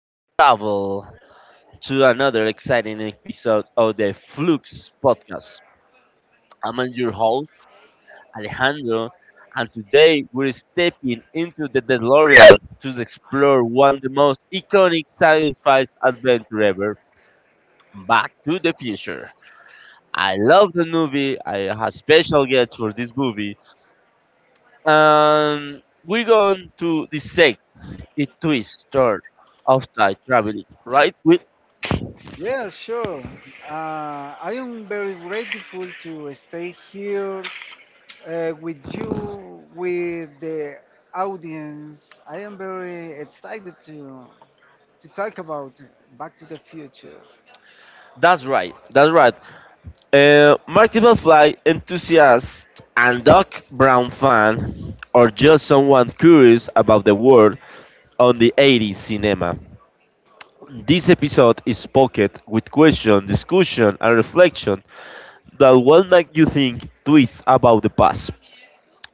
time travel, to another exciting episode of the Flux podcast. I'm your host, Alejandro, and today we're stepping into the DeLorean to explore one of the most iconic sci fi adventure ever Back to the Future. I love the movie, I have special guests for this movie, and we're going to dissect its twist, turn, of time traveling, right? With. Yeah, sure. Uh, I am very grateful to stay here with you, with the audience. I am very excited to talk about Back to the Future. That's right. That's right. Marty McFly enthusiast and Doc Brown fan, or just someone curious about the world on the 80s cinema. This episode is pocket with question, discussion, and reflection that will make you think twice about the past.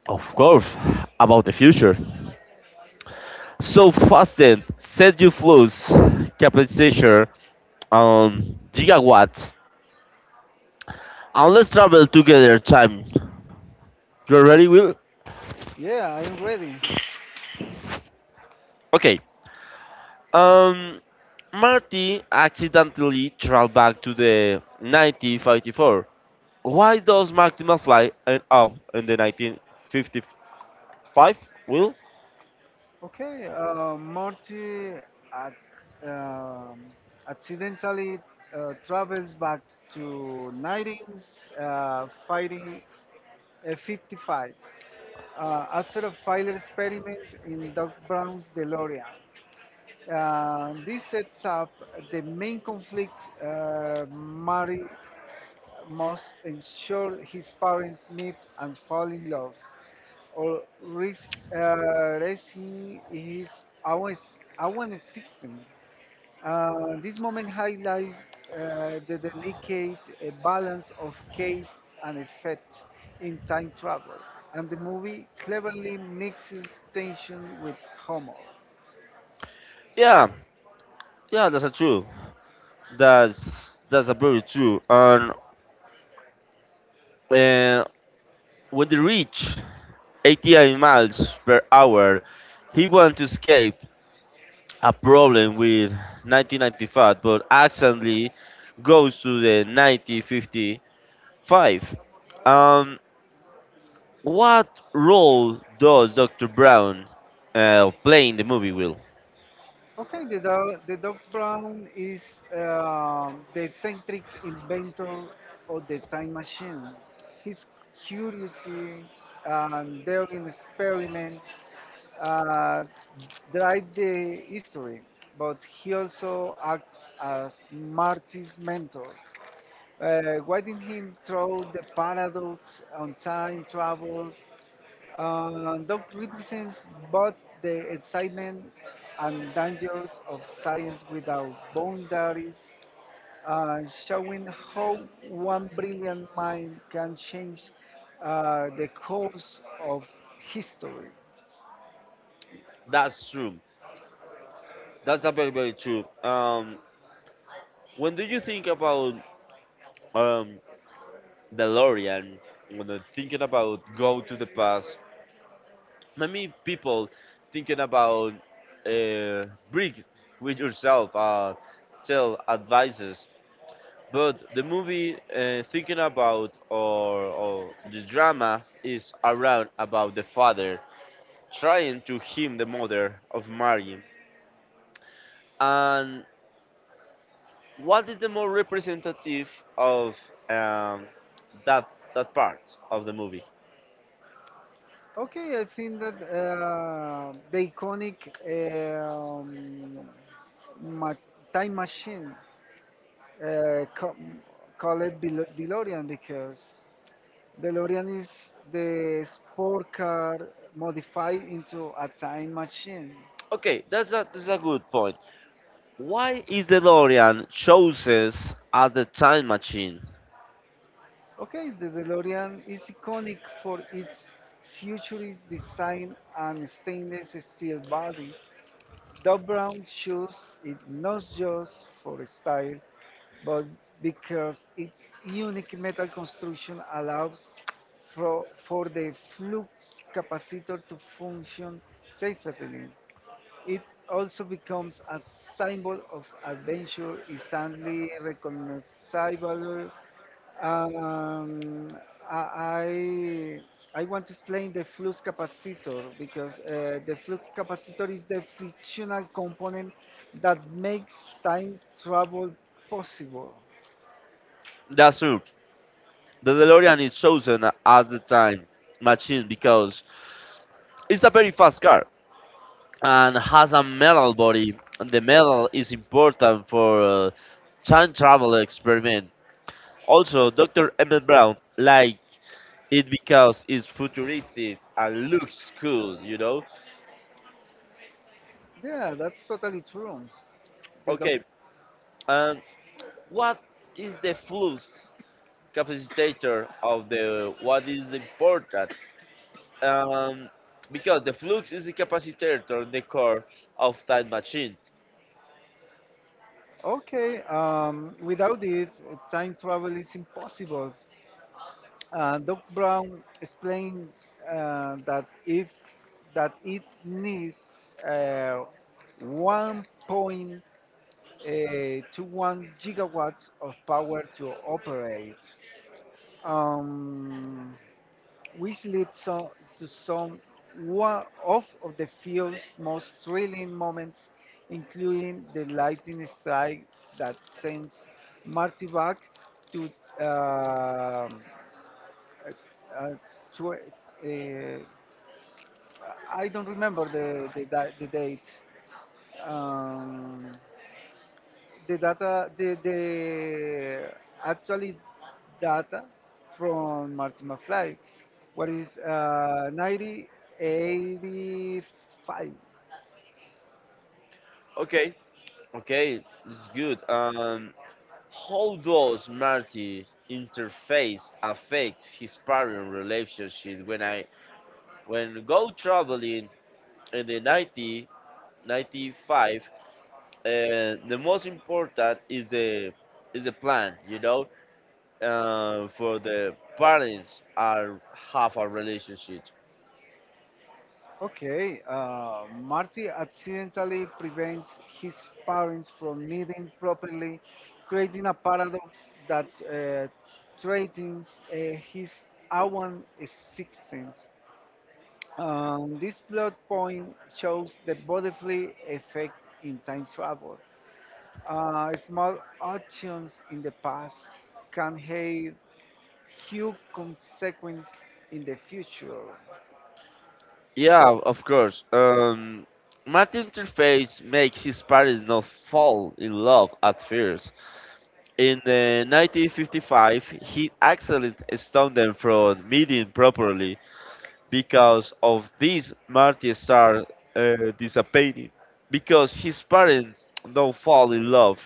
Of course, about the future. So fasten, set your flows, capacitator, gigawatts, and let's travel together time. You ready, Will? Yeah, I am ready. Okay. Um, Marty accidentally traveled back to the 1954. Why does Marty McFly end up in the 1955? Will? Okay, Morty at, um, accidentally uh, travels back to 1955 after a failed experiment in Doc Brown's DeLorean. This sets up the main conflict, Mary must ensure his parents meet and fall in love, or risk uh, risking his own, own existence. Uh, this moment highlights the delicate balance of case and effect in time travel, and the movie cleverly mixes tension with humor. Yeah, yeah, that's a true. That's a very true. And uh, when they reach 88 miles per hour, he wanted to escape a problem with 1995, but accidentally goes to the 1950 Five. Um, what role does Dr. Brown play in the movie, Will? Okay, the dog Brown is the eccentric inventor of the time machine. His curiosity and daring experiments uh, drive the history, but he also acts as Marty's mentor, guiding him through the paradox on time travel. Doug represents both the excitement and dangers of science without boundaries, showing how one brilliant mind can change the course of history. That's true. That's a very, very true. When do you think about um, DeLorean, when they're thinking about go to the past, many people thinking about uh, breathe with yourself, tell advices. But the movie thinking about or the drama is around about the father trying to him the mother of Marion. And what is the more representative of um, that that part of the movie? Okay, I think that the iconic ma- time machine uh, ca- called DeLorean, because DeLorean is the sport car modified into a time machine. Okay, that's a good point. Why is the DeLorean chosen as the time machine? Okay, the DeLorean is iconic for its futurist design and stainless steel body. Doc Brown chose it not just for style, but because its unique metal construction allows for the flux capacitor to function safely. It also becomes a symbol of adventure, instantly recognizable. Um, I, I want to explain the flux capacitor because the flux capacitor is the fictional component that makes time travel possible. That's true. The DeLorean is chosen as the time machine because it's a very fast car and has a metal body. And the metal is important for time travel experiment. Also, Dr. Emmett Brown like it because it's futuristic and looks cool, you know? Yeah, that's totally true. The doc- Okay, and what is the flux capacitor of the what is important? Um, because the flux is the capacitor, the core of time machine. Okay. Without it, time travel is impossible. Doc Brown explained that if that it needs uh, 1.21 gigawatts of power to operate, um, which leads to of the film's most thrilling moments, including the lightning strike that sends Marty back to. um uh, tw- uh, I don't remember the date. Um, the data, the actually data from Martin McFly, what is 1985. Okay, okay, it's good. How does Marty interface affect his parent relationship when go traveling in the 90, 95 the most important is the plan you know for the parents are have a relationship. Okay, Marty accidentally prevents his parents from knitting properly, creating a paradox that threatens his own existence. This plot point shows the butterfly effect in time travel. Small actions in the past can have huge consequences in the future. Yeah of course Marty interface makes his parents not fall in love at first. In the 1955, he actually stoned them from meeting properly because of this Marty star disappearing. Because his parents don't fall in love,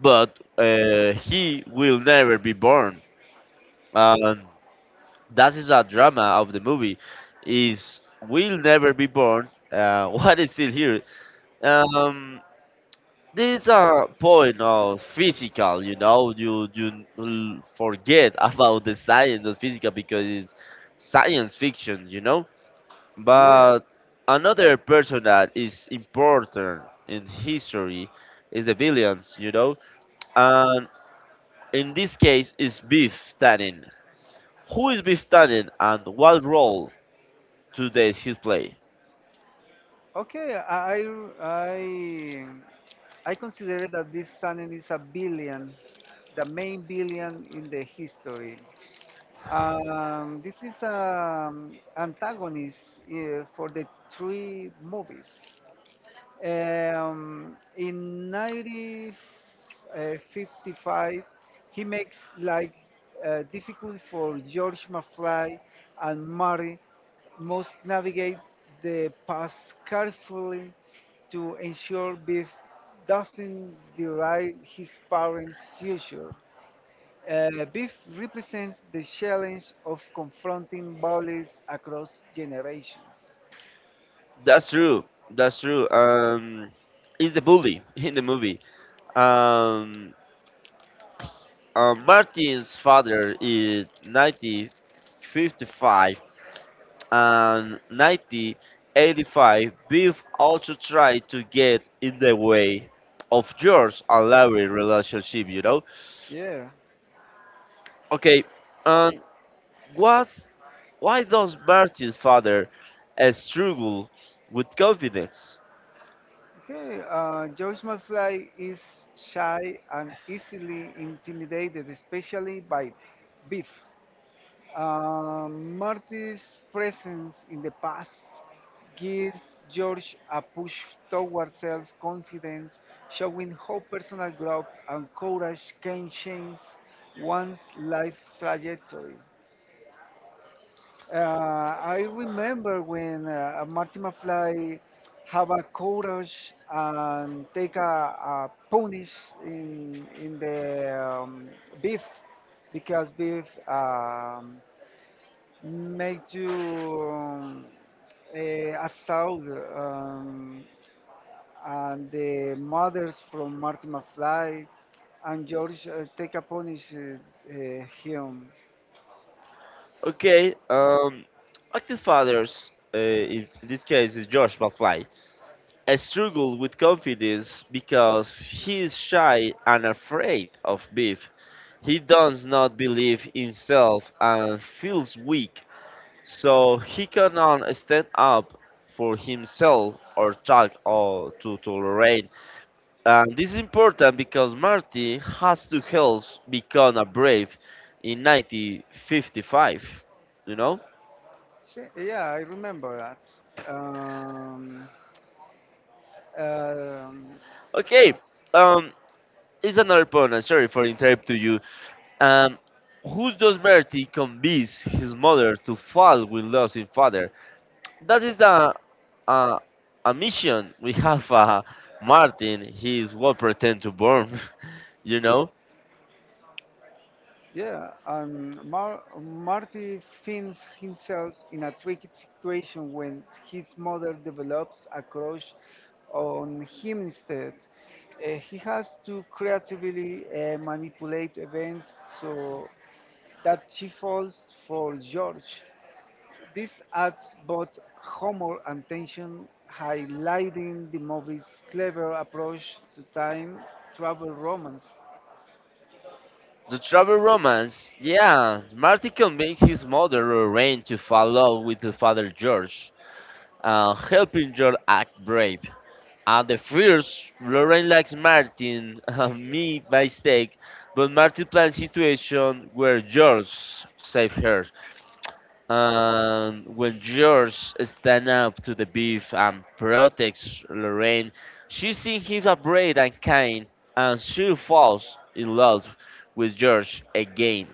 but he will never be born. And that is a drama of the movie. Is will never be born. What is still here? Um, This is a point of physical, you know, forget about the science of physical because it's science fiction, you know. But Yeah. another person that is important in history is the villains, you know, and in this case is Beef Tannen. Who is Beef Tannen and what role does he play? Okay, I I consider that this channel is a billion, the main billion in the history. This is an antagonist for the three movies. In 1955, he makes life difficult for George McFly, and Marty must navigate the path carefully to ensure Biff doesn't derive his parents' future. Biff represents the challenge of confronting bullies across generations. That's true. That's true. Is the bully in the movie. Um, Martin's father in 1955 and 1985, Biff also tried to get in the way of George and Larry's relationship, you know? Yeah. Okay, and what's, why does Martin's father struggle with confidence? Okay, George McFly is shy and easily intimidated, especially by Biff. Marty's presence in the past gives George a push towards self confidence, showing how personal growth and courage can change one's life trajectory. I remember when Marty McFly have a courage and take a punish in the beef, because beef make you a assault, um, and the mothers from Marty McFly and George take a punish him. Okay, active fathers, in this case, is George McFly. I struggle with confidence because he is shy and afraid of beef. He does not believe in himself and feels weak, so he cannot stand up for himself or talk or to tolerate. And this is important because Marty has to help become a brave in 1955. You know? Yeah, I remember that. Um, Okay. Um, it's another point. I'm sorry for interrupting you. And who does Bertie convince his mother to fall with losing father? That is the uh, a mission we have. Martin, he is what pretend to burn. you know, yeah, and Marty finds himself in a tricky situation when his mother develops a crush on him instead. He has to creatively manipulate events so that she falls for George. This adds both humor and tension, highlighting the movie's clever approach to time travel romance. the travel romance. Yeah, Martin convinces his mother Lorraine to fall in love with the father George, helping George act brave. At the first, Lauren likes Martin and me by mistake, but Martin plans situation where George saves her. And when George stands up to the beef and protects Lorraine, she sees him brave and kind, and she falls in love with George again.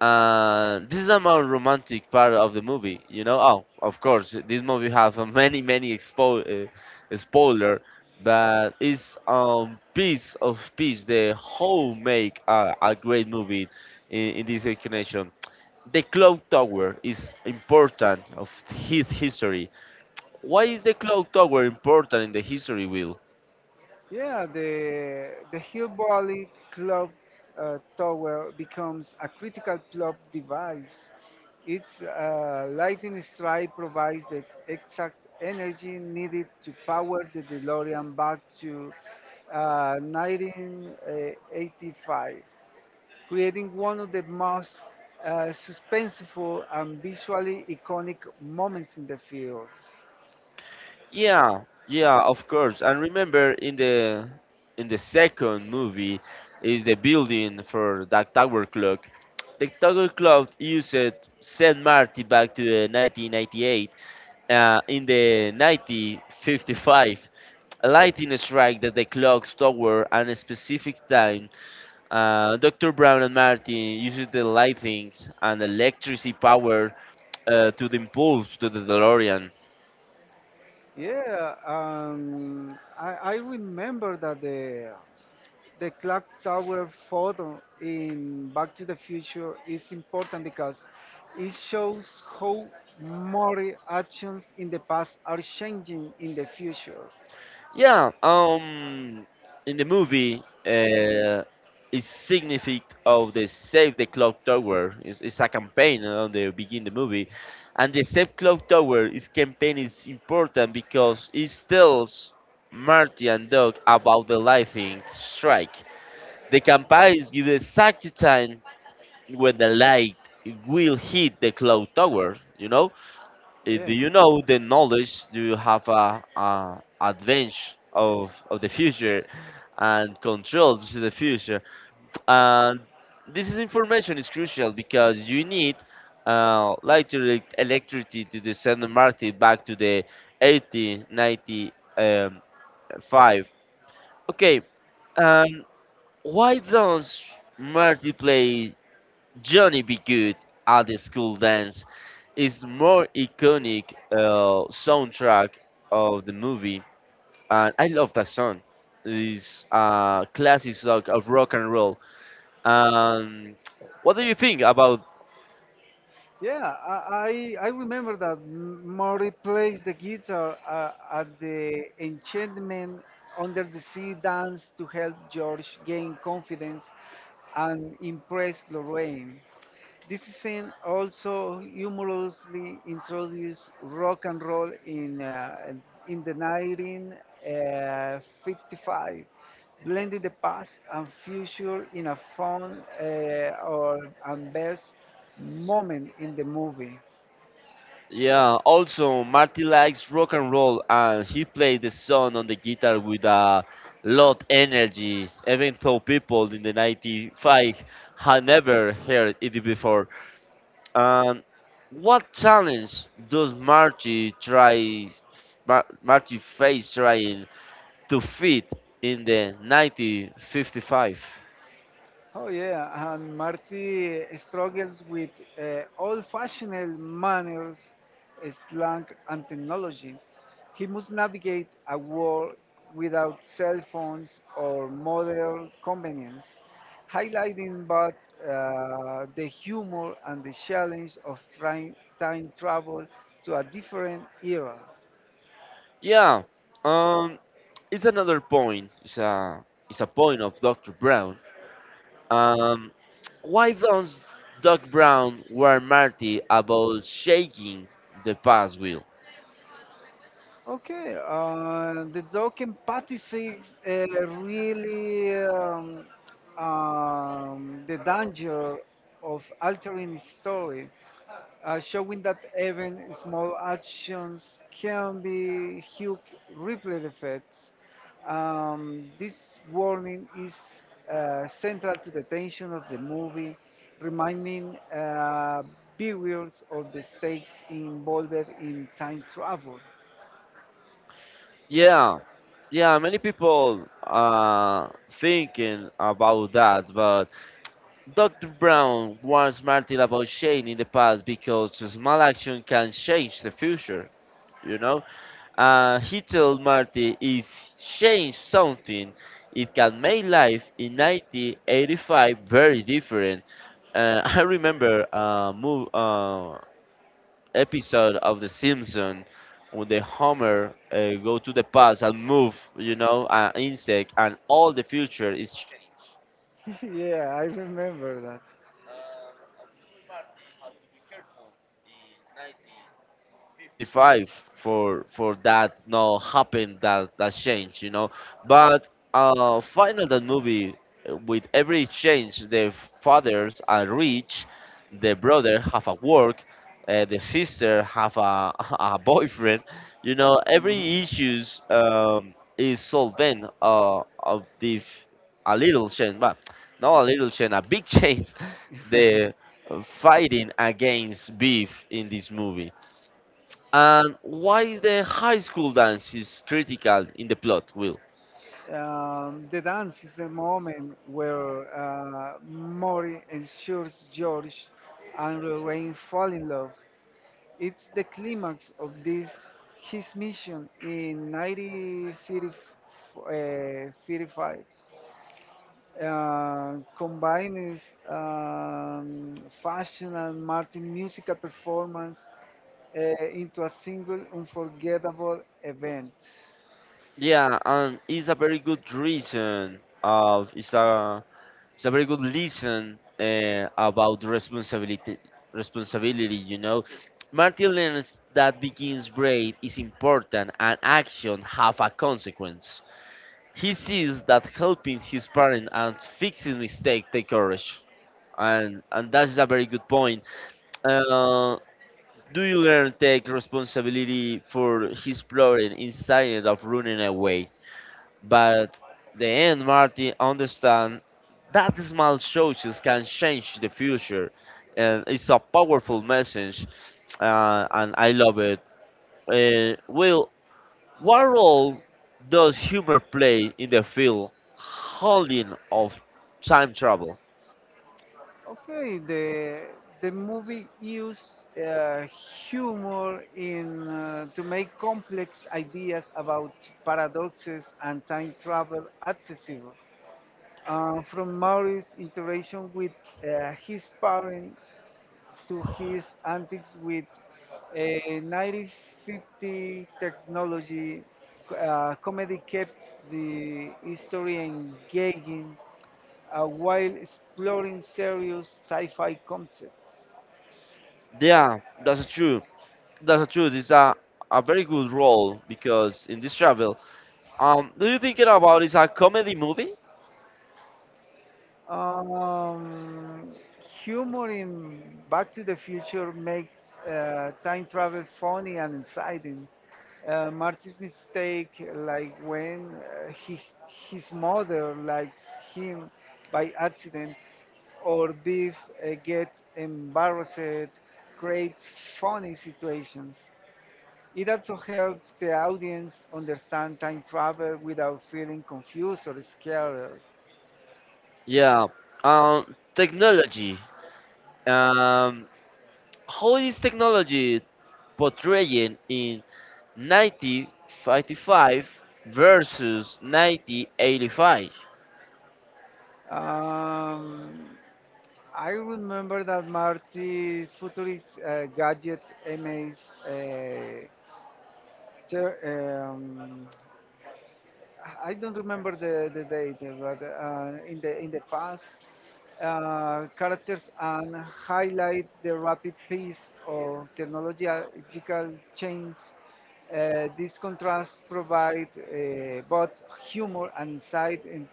This is a more romantic part of the movie, you know. Oh, of course, this movie have many expo spoiler, but it's piece of piece the whole make a great movie in this explanation. The clock tower is important of his history. Why is the clock tower important in the history, Will? Yeah, the Hillbilly Club Tower becomes a critical plot device. Its lightning strike provides the exact energy needed to power the DeLorean back to 1985, creating one of the most suspenseful and visually iconic moments in the films. Yeah, yeah, of course. And remember, in the second movie, is the building for that tower clock. The tower clock used Saint Martin back to the 1998. In the 1955, a lightning strike that the clock tower at a specific time. Dr. Brown and Martin uses the lightning and electricity power to the impulse to the DeLorean. Yeah, I remember that the clock tower photo in Back to the Future is important because it shows how moral actions in the past are changing in the future. Yeah, in the movie, is significant of the Save the Clock Tower. It's a campaign on the begin the movie, and the Save Clock Tower is campaign is important because it tells Marty and Doc about the lightning strike. The campaign gives the exact time when the light will hit the clock tower. You know, eh, Yeah. do you know the knowledge do you have a advantage of the future and control to the future? And this is information is crucial because you need light electricity to the San Martin back to the 80, um, okay, um, why does multiplayer Johnny Be Good at the School Dance is more iconic soundtrack of the movie, and I love that song. It's a classic song of rock and roll. Um, what do you think about? Yeah, I remember that Mori plays the guitar at the enchantment under the sea dance to help George gain confidence and impress Lorraine. This scene also humorously introduced rock and roll in the 1955, blending the past and future in a fun or and best moment in the movie. Yeah, also Marty likes rock and roll, and he plays the song on the guitar with a lot energy, even though people in the '95 had never heard it before. And what challenge does Marty try, Marty face trying to fit in the 1955? Oh yeah, and Marty struggles with old-fashioned manners, slang, and technology. He must navigate a world without cell phones or modern convenience, highlighting both the humor and the challenge of trying time travel to a different era. Yeah, um, it's another point. It's a point of Dr. Brown. Um, why does Doc Brown warn Marty about shaking the past wheel? Okay, the dog empathy is really the danger of altering story, showing that even small actions can be huge ripple effects. This warning is central to the tension of the movie, reminding viewers of the stakes involved in time travel. Yeah, yeah, many people thinking about that, but Dr. Brown warns Martin about Shane in the past because a small action can change the future, you know? He told Marty if change something, it can make life in 1985 very different. I remember a move, episode of The Simpsons when the Homer go to the past and move, you know, an insect and all the future is changed. yeah, I remember that. And this way, Marty has to be careful in 1955 for that no happen that change, you know. But final that movie with every change, the fathers are rich, the brother have a work, the sister have a a boyfriend, you know. Every issues is solved then of the a little change, but not a little change, a big change the fighting against beef in this movie? And why is the high school dance is critical in the plot, Will? The dance is the moment where Mori ensures George and Lorraine fall in love. It's the climax of this his mission in 1935. Combines um, fashion and Martin musical performance into a single unforgettable event. Yeah, and it's a very good reason of it's a very good lesson about responsibility, you know. Martin learns that begins braid is important and action have a consequence. He sees that helping his parents and fixing mistakes take courage. And that's a very good point. Uh, do you learn take responsibility for his problem instead of running away? But the end, Martin understand that small choices can change the future, and it's a powerful message, and I love it. Will, what role does humor play in the field holding of time travel? Okay, the movie used humor in to make complex ideas about paradoxes and time travel accessible. From Maurice's interaction with his parents to his antics with a 1950 technology, comedy kept the history engaging while exploring serious sci fi concepts. Yeah, that's true. That's true. A very good role because in this travel, do you thinking about is a comedy movie? Um, Humor in Back to the Future makes time travel funny and exciting. Marty's mistake, like when his mother likes him by accident, or Biff gets embarrassed, creates funny situations. It also helps the audience understand time travel without feeling confused or scared. Yeah. Technology. Um, how is technology portraying in 1955 versus 1985? Um, I remember that Marty's futurist gadget MA's uh, ter- um, I don't remember the date, but uh, in the past, characters and highlight the rapid pace of technological change. This contrast provides both humor and insight,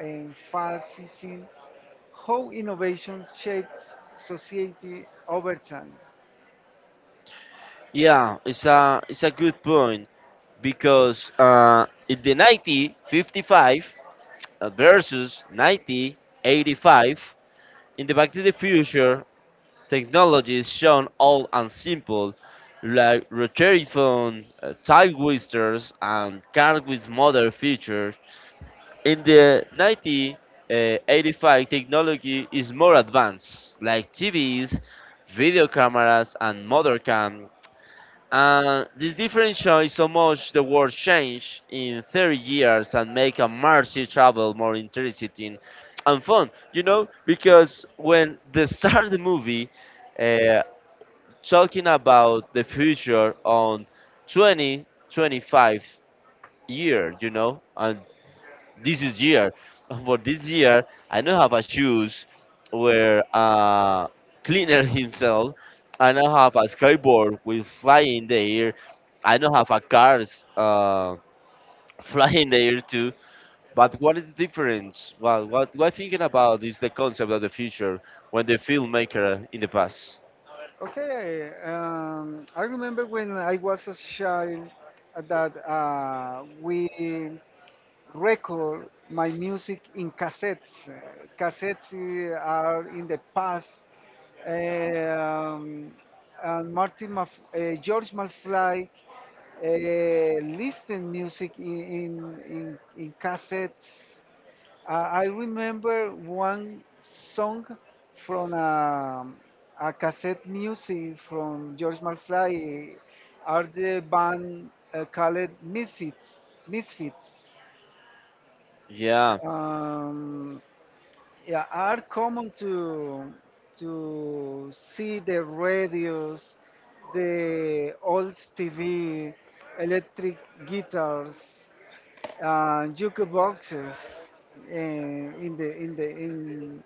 emphasizing how innovations shapes society over time. Yeah, it's a good point because in the 1955 versus 1985 in the Back to the Future technologies shown old and simple, like rotary phone, tile whiskers, and cars with modern features. In the 1985, technology is more advanced, like TVs, video cameras, and modern cam. And this difference shows so much the world changed in 30 years and make a massive travel more interesting and fun. You know, because when they start the movie, uh, talking about the future on 20, 25 year, you know, and this is year. For this year, I don't have a shoes where cleaner himself. I don't have a skateboard with fly in the air. I don't have a cars fly in the air too. But what is the difference? Well, what I'm thinking about is the concept of the future when the filmmaker in the past. Okay, I remember when I was a child that we record my music in cassettes. Cassettes are in the past. Um, and George Malfly listened music in cassettes. I remember one song from a cassette music from George Malfly. Are the band called Misfits? Misfits. Yeah. Um, yeah, are common to see the radios, the old TV, electric guitars, jukeboxes in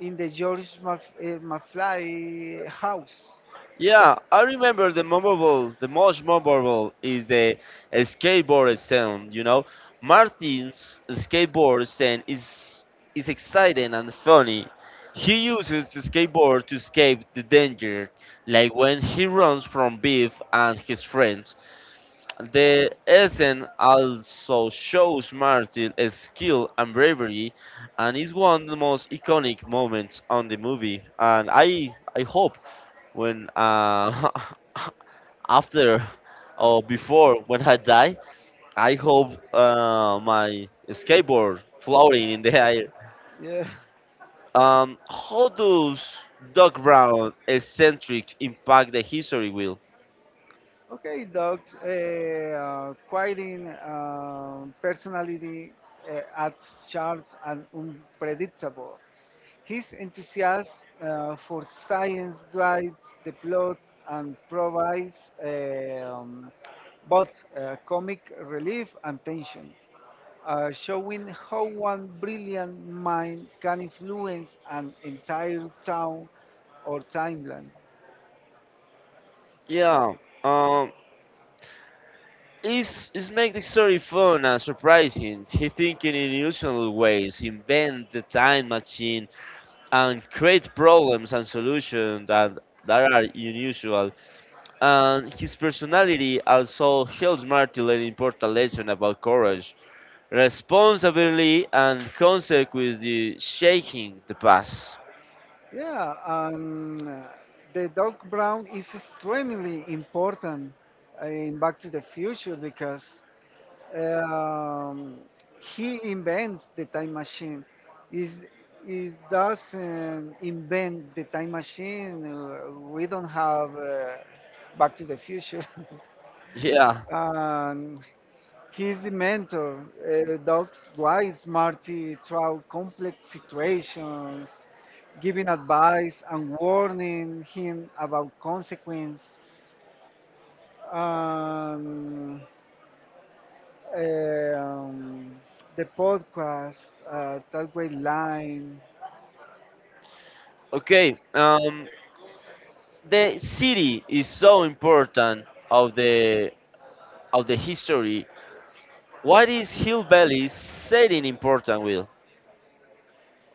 in the McFly house. Yeah, I remember the memorable, the most memorable is the skateboard sound. You know, Martin's skateboard sound is exciting and funny. He uses the skateboard to escape the danger, like when he runs from Biff and his friends. The essence also shows Martin's skill and bravery, and is one of the most iconic moments on the movie. And I hope when after or before when I die, I hope my skateboard floating in the air. Yeah. How does Doc Brown eccentric impact the history, Will? Okay, dogs. Quieting personality adds charm and unpredictable. His enthusiasm for science drives the plot and provides both comic relief and tension, showing how one brilliant mind can influence an entire town or timeline. Yeah, um, it's make the story fun and surprising. He thinking in unusual ways, invent the time machine, and create problems and solutions that are unusual. And his personality also helps Marty an important lesson about courage, responsibility, and consequently shaking the past. Yeah, the Doc brown is extremely important in Back to the Future because um, he invents the time machine. Is is doesn't invent the time machine. We don't have Back to the Future. Yeah. and He's the mentor. Doc's guides Marty through complex situations, giving advice and warning him about consequence. Um, um, the podcast, that way line. Okay. The city is so important of the of the history. What is Hill Valley setting important, Will?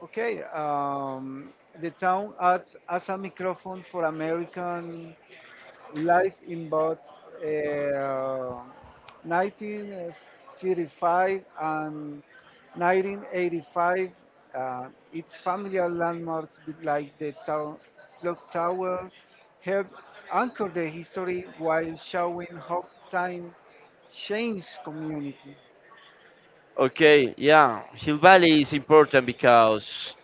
Okay, the town acts as a microphone for American Life in both uh, 1935 and 1985. Its familiar landmarks like the town, clock tower have anchored the history while showing how time changed community. Okay. Yeah. Hill Valley is important because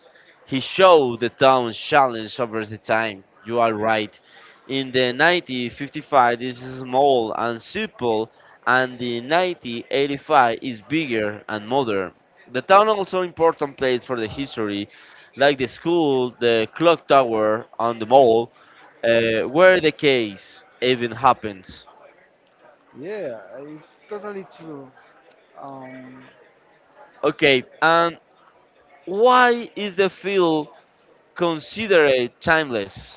he showed the town's challenge over the time. You are right. In the 1955 is small and simple, and the 1985 is bigger and modern. The town also important place for the history, like the school, the clock tower, and the mall, where the case even happens. Yeah, it's totally true. Um, Okay, and why is the field considered timeless?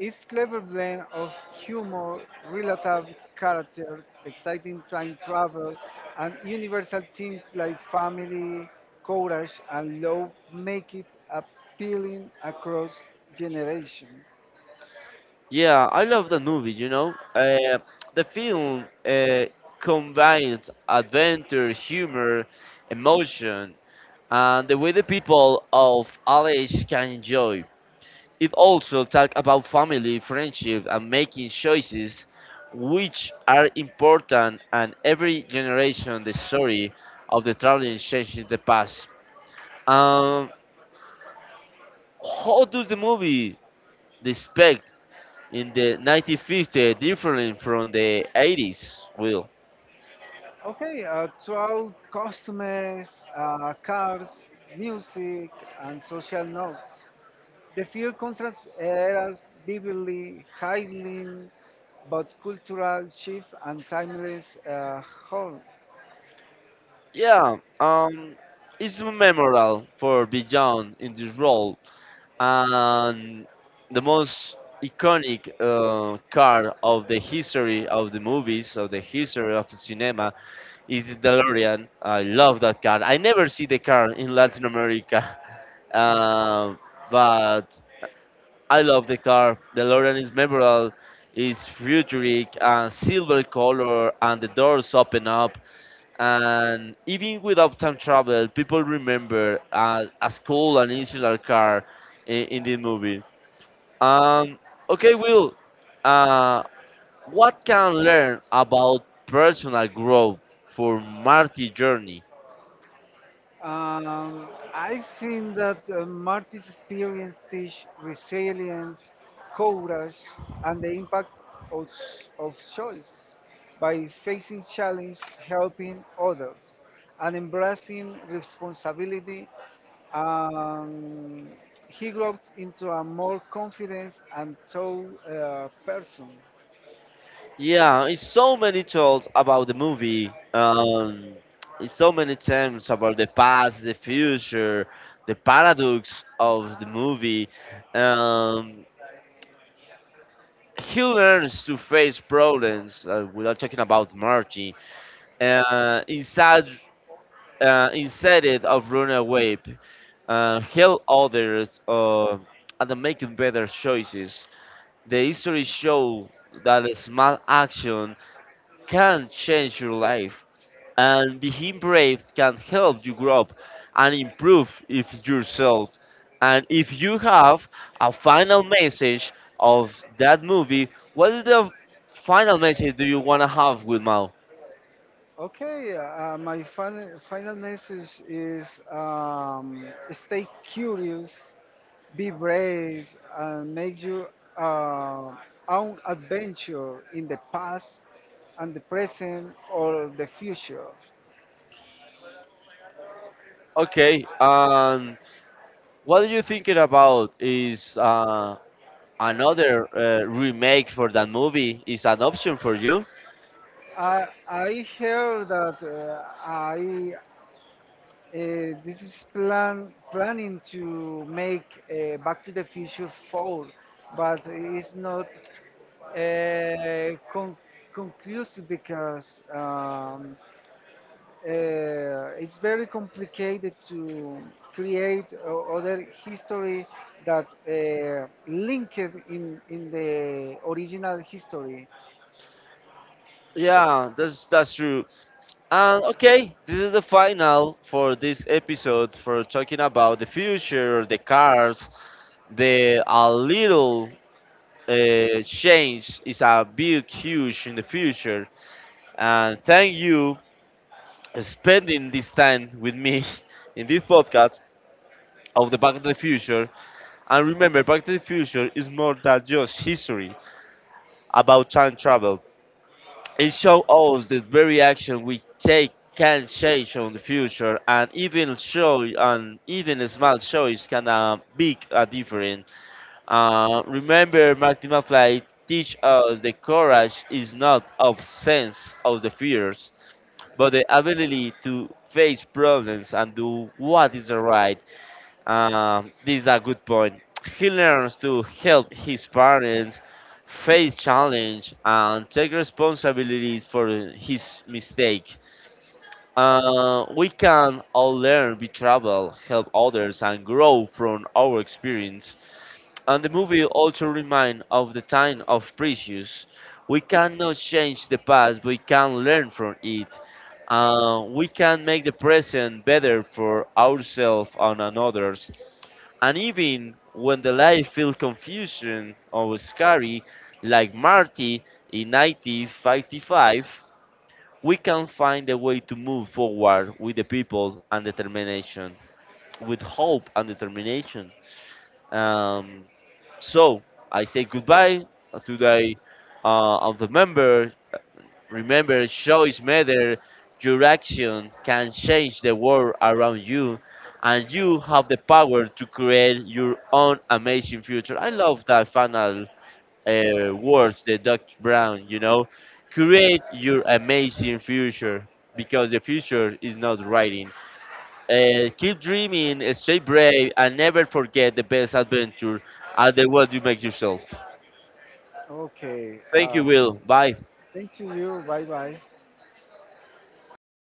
Its clever blend of humor, relatable characters, exciting time travel, and universal themes like family, courage, and love make it appealing across generations. Yeah, I love the movie, you know. The film combines adventure, humor, emotion, and the way the people of LH can enjoy. It also talks about family, friendship, and making choices, which are important, and every generation the story of the traveling changes the past. Um, how does the movie respect in the 1950s, different from the 80s, Will? Okay, throughout costumes, cars, music, and social notes. The film contrasts eras vividly, highlighting both cultural shift and timeless home. Yeah, it's memorable for Beyond in this role, and the most iconic car of the history of the movies, of the history of cinema, is the DeLorean. I love that car. I never see the car in Latin America, um, but I love the car. The Lorraine is memorable, is futuristic and silver color, and the doors open up. And even without time travel, people remember as cool and insular car in the movie. Um, okay, Will. Uh, what can learn about personal growth for Marty Journey? I think that Marty's experience teach resilience, courage, and the impact of, of choice by facing challenge, helping others, and embracing responsibility. Um, he grows into a more confident and tough person. Yeah, it's so many talks about the movie. It's so many times about the past, the future, the paradox of the movie. Um, he learns to face problems. Without talking about Marty, inside, instead of running away, help others, and making better choices. The history show that a small action can change your life, and being brave can help you grow up and improve if yourself. And if you have a final message of that movie, what is the final message do you want to have with Mao? Okay, my final message is stay curious, be brave, and make your uh, own adventure in the past and the present or the future. Okay, and what are you thinking about is another remake for that movie is an option for you? I hear that I this is planning to make Back to the Future 4, but it's not uh, con- conclusive because it's very complicated to create other history that linked in the original history. Yeah, that's true. And okay, this is the final for this episode for talking about the future, the cars, the a little change is a big, huge in the future. And thank you spending this time with me in this podcast of the Back to the Future. And remember, Back to the Future is more than just history about time travel. It shows us that every action we take can change on the future, and even show and even a small choice can big a difference. Remember, Marty McFly teach us that courage is not absence of the fears, but the ability to face problems and do what is right. This is a good point. He learns to help his parents face challenge and take responsibilities for his mistake. We can all learn, be travel, help others, and grow from our experience. And the movie also reminds of the time of precious. We cannot change the past, but we can learn from it. We can make the present better for ourselves and others. And even when the life feels confusion or scary, like Marty in 1955, we can find a way to move forward with the people and determination, with hope and determination. Um, so I say goodbye today, and remember, choice matter. Your action can change the world around you, and you have the power to create your own amazing future. I love that final words, the Dr. Brown. You know, create your amazing future because the future is not writing. Keep dreaming, stay brave, and never forget the best adventure are the one you make yourself. Okay, Thank you, Will. Bye. thank you. Bye bye.